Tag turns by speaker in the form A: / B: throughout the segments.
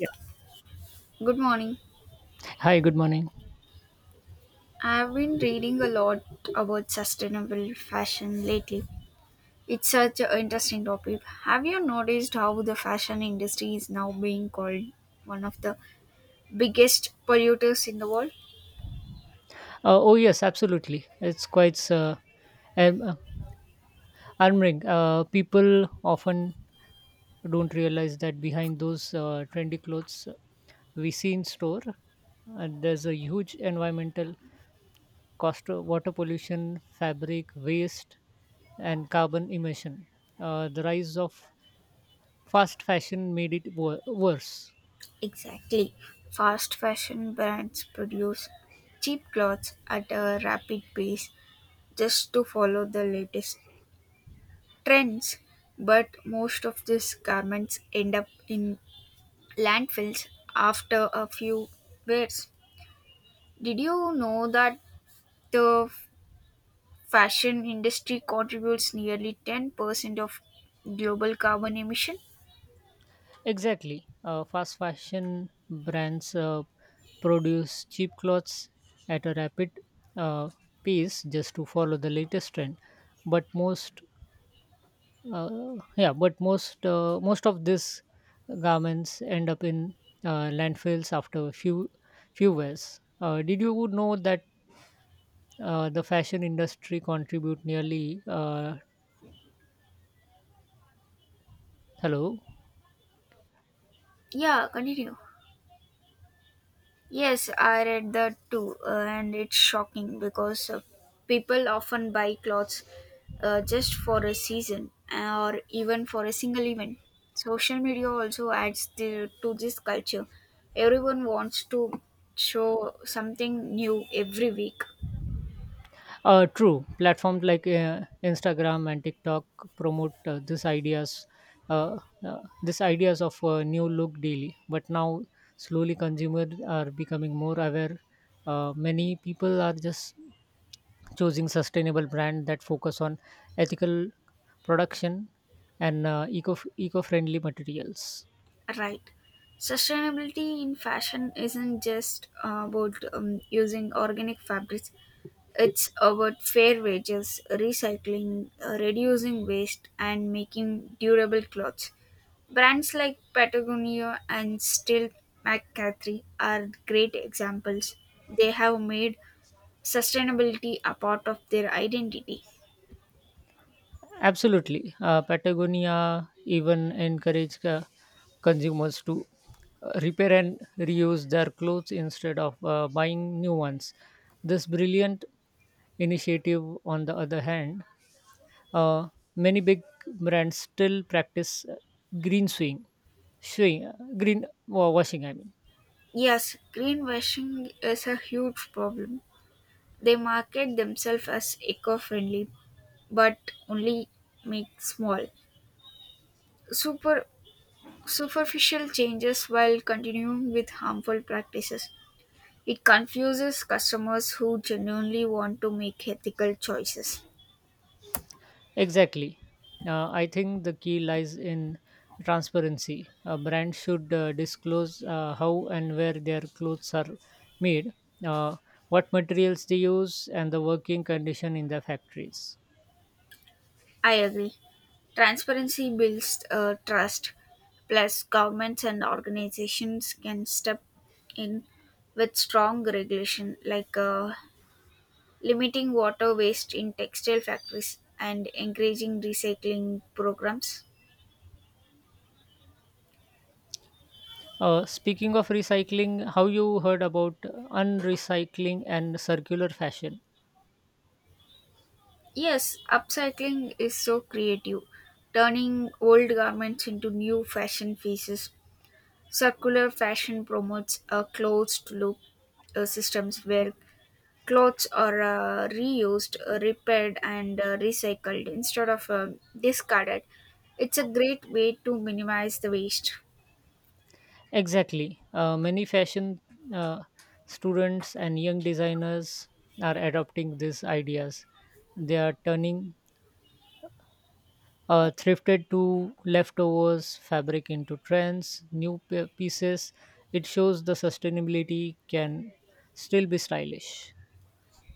A: Yeah.
B: Good morning.
A: Hi, good morning.
B: I've been reading a lot about sustainable fashion lately. It's such an interesting topic. Have you noticed how the fashion industry is now being called one of the biggest polluters in the world?
A: Oh, yes, absolutely. It's quite um, uh, arming. People often don't realize that behind those trendy clothes we see in store, there's a huge environmental cost of water pollution, fabric waste, and carbon emission. The rise of fast fashion made it worse.
B: Exactly. Fast fashion brands produce cheap clothes at a rapid pace just to follow the latest trends, but most of these garments end up in landfills after a few wears. Did you know that the fashion industry contributes nearly 10% of global carbon emission?
A: Exactly. Fast fashion brands produce cheap clothes at a rapid uh, pace just to follow the latest trend. But most, uh, yeah, but most of these garments end up in landfills after a few wears. Did you know that the fashion industry contribute nearly? Hello.
B: Yeah, continue. Yes, I read that too, and it's shocking because people often buy clothes just for a season or even for a single event. Social media also adds the, to this culture. Everyone wants to show something new every week.
A: True. Platforms like Instagram and TikTok promote uh, these ideas of new look daily. But now, slowly, consumers are becoming more aware. Many people are just choosing sustainable brand that focus on ethical production and eco friendly materials.
B: Right. Sustainability in fashion isn't just about using organic fabrics, it's about fair wages, recycling, reducing waste, and making durable clothes. Brands like Patagonia and Still McCathry are great examples. They have made sustainability a part of their identity.
A: Absolutely. Patagonia even encourage consumers to repair and reuse their clothes instead of buying new ones. This brilliant initiative, on the other hand, uh, many big brands still practice green swing, swing green washing. I mean.
B: Yes, greenwashing is a huge problem. They market themselves as eco friendly, but only make small, super superficial changes while continuing with harmful practices. It confuses customers who genuinely want to make ethical choices.
A: Exactly. I think the key lies in transparency. A brand should disclose how and where their clothes are made, uh, what materials they use, and the working condition in the factories.
B: I agree. Transparency builds trust. Plus, governments and organizations can step in with strong regulation, like limiting water waste in textile factories and encouraging recycling programs.
A: Speaking of recycling, how you heard about unrecycling and circular fashion?
B: Yes, upcycling is so creative, turning old garments into new fashion pieces. Circular fashion promotes a closed loop systems where clothes are reused, repaired, and recycled instead of discarded. It's a great way to minimize the waste.
A: Exactly. Many fashion uh, students and young designers are adopting these ideas. They are turning thrifted to leftovers fabric into trends new pieces. It shows the sustainability can still be stylish.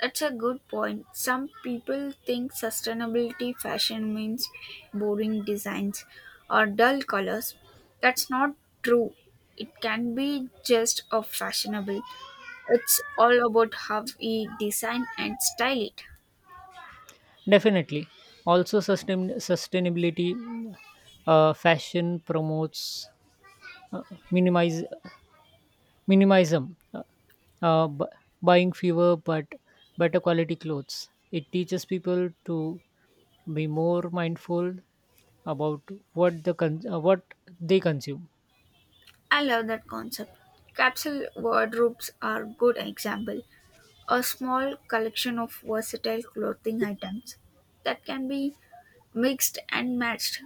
B: That's a good point. Some people think sustainability fashion means boring designs or dull colors. That's not true. It can be just of fashionable. It's all about how we design and style it.
A: Definitely. Also sustainability fashion promotes uh, minimize minimalism, uh, bu- buying fewer but better quality clothes. It teaches people to be more mindful about what they consume.
B: I love that concept. Capsule wardrobes are good example. A small collection of versatile clothing items that can be mixed and matched.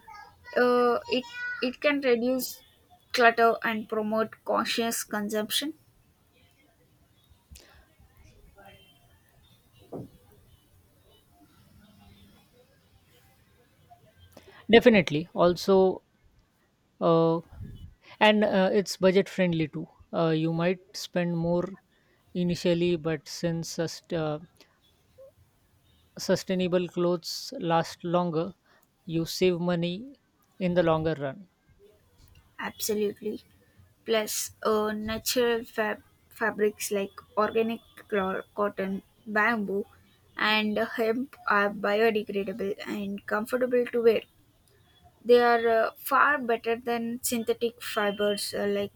B: It it can reduce clutter and promote conscious consumption.
A: Definitely. Also, uh, and it's budget friendly too. You might spend more initially, but since sustainable clothes last longer, you save money in the longer run.
B: Absolutely. Plus, natural fabrics like organic cotton, bamboo, and hemp are biodegradable and comfortable to wear. They are far better than synthetic fibers like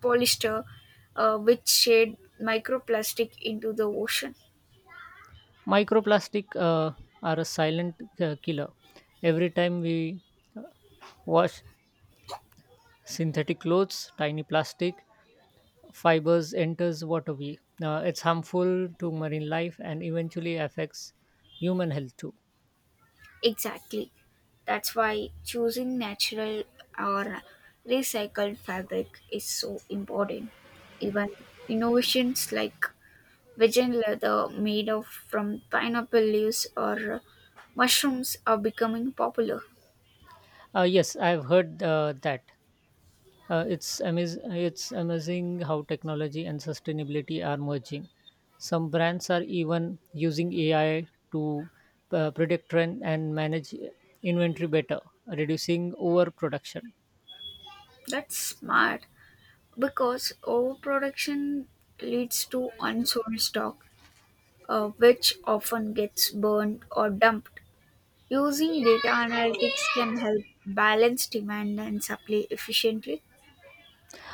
B: polyester, which shed microplastic into the ocean.
A: Microplastic are a silent killer. Every time we uh, wash synthetic clothes, tiny plastic fibers enters waterway. It's harmful to marine life and eventually affects human health too.
B: Exactly. That's why choosing natural or recycled fabric is so important. Even innovations like vegan leather made of from pineapple leaves or mushrooms are becoming popular.
A: Yes, I've heard that. It's amazing how technology and sustainability are merging. Some brands are even using AI to predict trend and manage inventory better, reducing overproduction.
B: That's smart because overproduction leads to unsold stock, which often gets burned or dumped. Using data analytics can help balance demand and supply efficiently.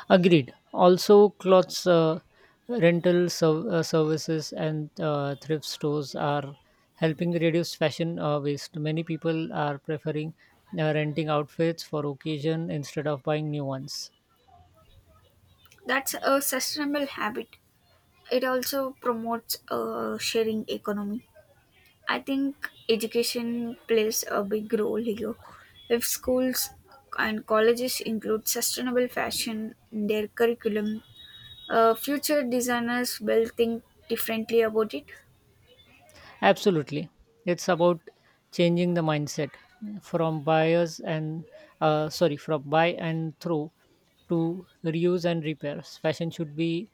A: Agreed. Also, clothes services and thrift stores are helping reduce fashion waste. Many people are preferring renting outfits for occasion instead of buying new ones.
B: That's a sustainable habit. It also promotes a sharing economy. I think education plays a big role here. If schools and colleges include sustainable fashion in their curriculum, future designers will think differently about it.
A: Absolutely. It's about changing the mindset from buyers and from buy and throw to reuse and repairs. Fashion should be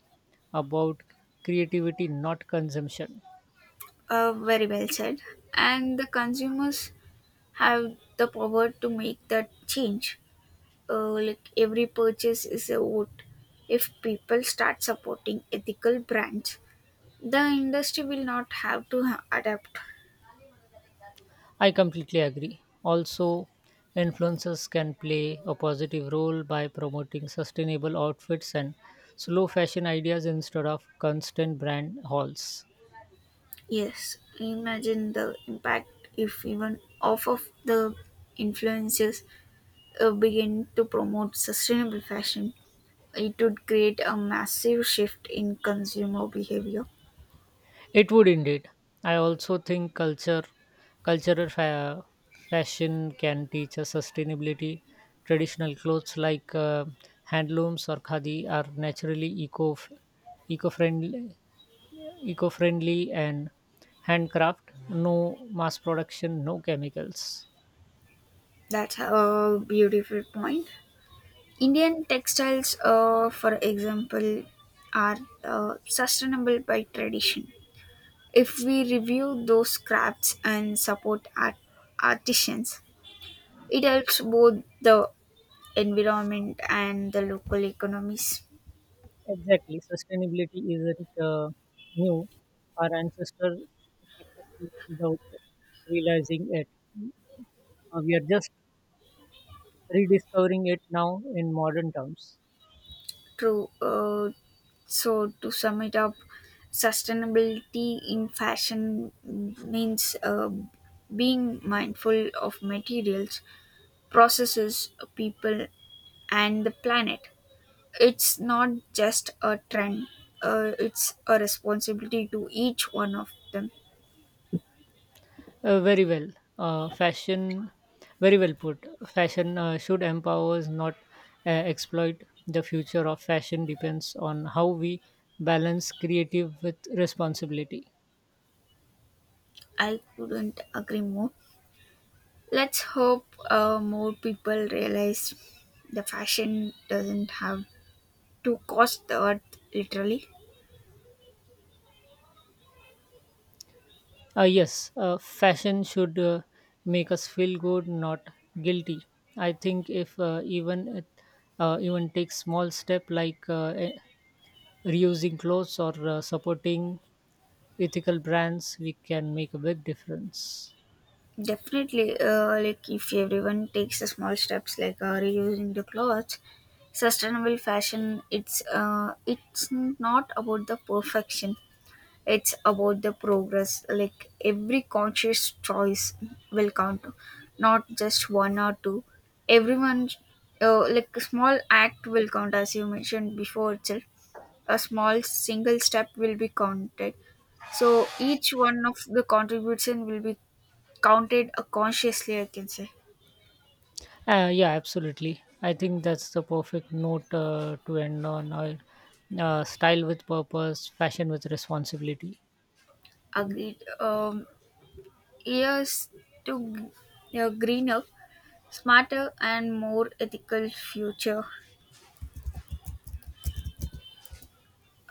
A: about creativity, not consumption.
B: Very well said. And the consumers have the power to make that change. Like every purchase is a vote. If people start supporting ethical brands, the industry will not have to adapt.
A: I completely agree. Also, influencers can play a positive role by promoting sustainable outfits and slow fashion ideas instead of constant brand hauls.
B: Yes, imagine the impact if even off of the influencers begin to promote sustainable fashion. It would create a massive shift in consumer behavior.
A: It would indeed. I also think cultural fashion can teach us sustainability. Traditional clothes like handlooms or khadi are naturally eco friendly eco-friendly and handcraft, no mass production, no chemicals.
B: That's a beautiful point. Indian textiles, for example, are sustainable by tradition. If we review those crafts and support artisans, it helps both the environment and the local economies.
A: Exactly. Sustainability isn't new. Our ancestors practiced it without realizing it. Uh, we are just rediscovering it now in modern terms.
B: True. So, to sum it up, sustainability in fashion means being mindful of materials, processes, people, and the planet. It's not just a trend, it's a responsibility to each one of them.
A: Uh, very well uh, fashion Very well put. Fashion should empower us, not exploit. The future of fashion depends on how we balance creative with responsibility.
B: I couldn't agree more. Let's hope more people realize the fashion doesn't have to cost the earth literally.
A: Yes, fashion should make us feel good, not guilty. I think if even take small step like reusing clothes or supporting ethical brands, we can make a big difference.
B: Definitely, like if everyone takes the small steps like reusing the clothes, sustainable fashion. It's not about the perfection. It's about the progress. Like every conscious choice will count, not just one or two. Everyone, like a small act will count, as you mentioned before itself. A small single step will be counted. So each one of the contribution will be counted consciously. I can say
A: Yeah, absolutely. I think that's the perfect note to end on. Style with purpose, fashion with responsibility.
B: agreed. Years to a greener, smarter, and more ethical future.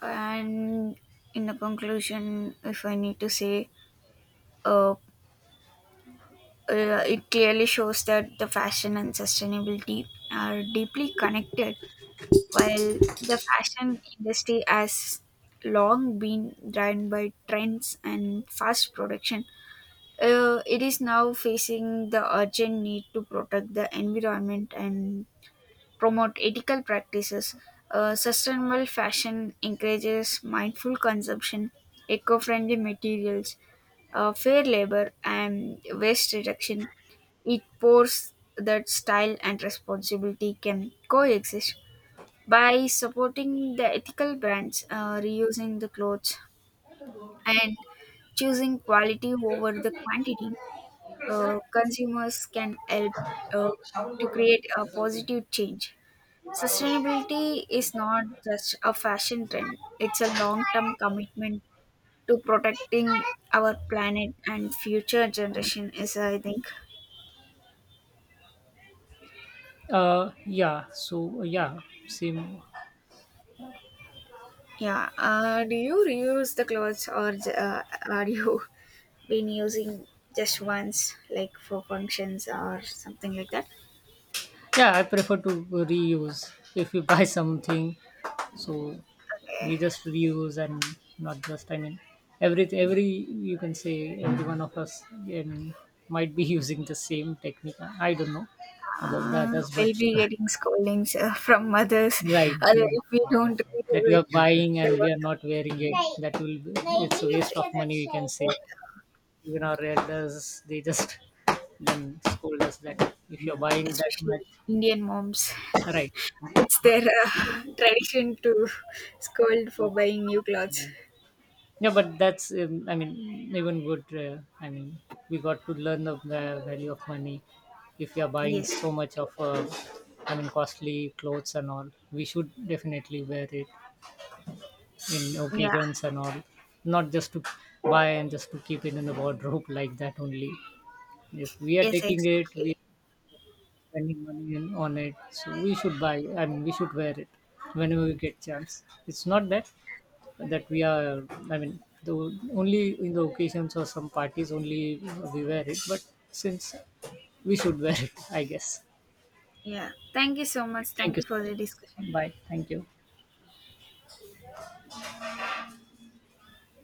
B: And in the conclusion if I need to say uh, it clearly shows that the fashion and sustainability are deeply connected while the fashion industry has long been driven by trends and fast production, it is now facing the urgent need to protect the environment and promote ethical practices. Sustainable fashion encourages mindful consumption, eco friendly materials, fair labor, and waste reduction. It pours that style and responsibility can coexist by supporting the ethical brands, reusing the clothes, and choosing quality over the quantity. Consumers can help uh, to create a positive change. Sustainability is not just a fashion trend, it's a long term commitment to protecting our planet and future generation is I think.
A: Yeah, same.
B: Yeah. Do you reuse the clothes or are you been using just once like for functions or something like that?
A: Yeah, I prefer to reuse. If you buy something, so
B: Okay.
A: we just reuse and not just. I mean, every you can say every one of us, I mean, might be using the same technique. I don't know about the others, but
B: We'll be getting scoldings from mothers
A: right,
B: if we don't
A: that we
B: redo it.
A: are buying
B: The
A: and we
B: work.
A: are not wearing it. That will be, it's a
B: Yes,
A: waste of
B: exactly.
A: money, we can say. Even our elders, they just then scold us that if you're buying that
B: Especially
A: much,
B: Indian moms.
A: right.
B: It's their tradition to scold for buying new clothes.
A: Yeah, but that's I mean, even good, I mean, we got to learn the value of money. If you're buying
B: Yes,
A: so much
B: exactly.
A: of, I mean, costly clothes and all, we should definitely wear it in
B: Yeah.
A: occasions and all, not just to buy and just to keep it in the wardrobe like that only. If we are
B: Yes,
A: taking it, we
B: exactly.
A: spending money in, on it. So we should buy, I mean, we should wear it whenever we get chance. It's not that we are, I mean, the only in the occasions or some parties only we wear it, but since we should wear it, I guess.
B: Yeah. Thank you so much.
A: Thank
B: Thank
A: you
B: you
A: so
B: for
A: much
B: the
A: for this
B: discussion.
A: session. Bye. Thank you.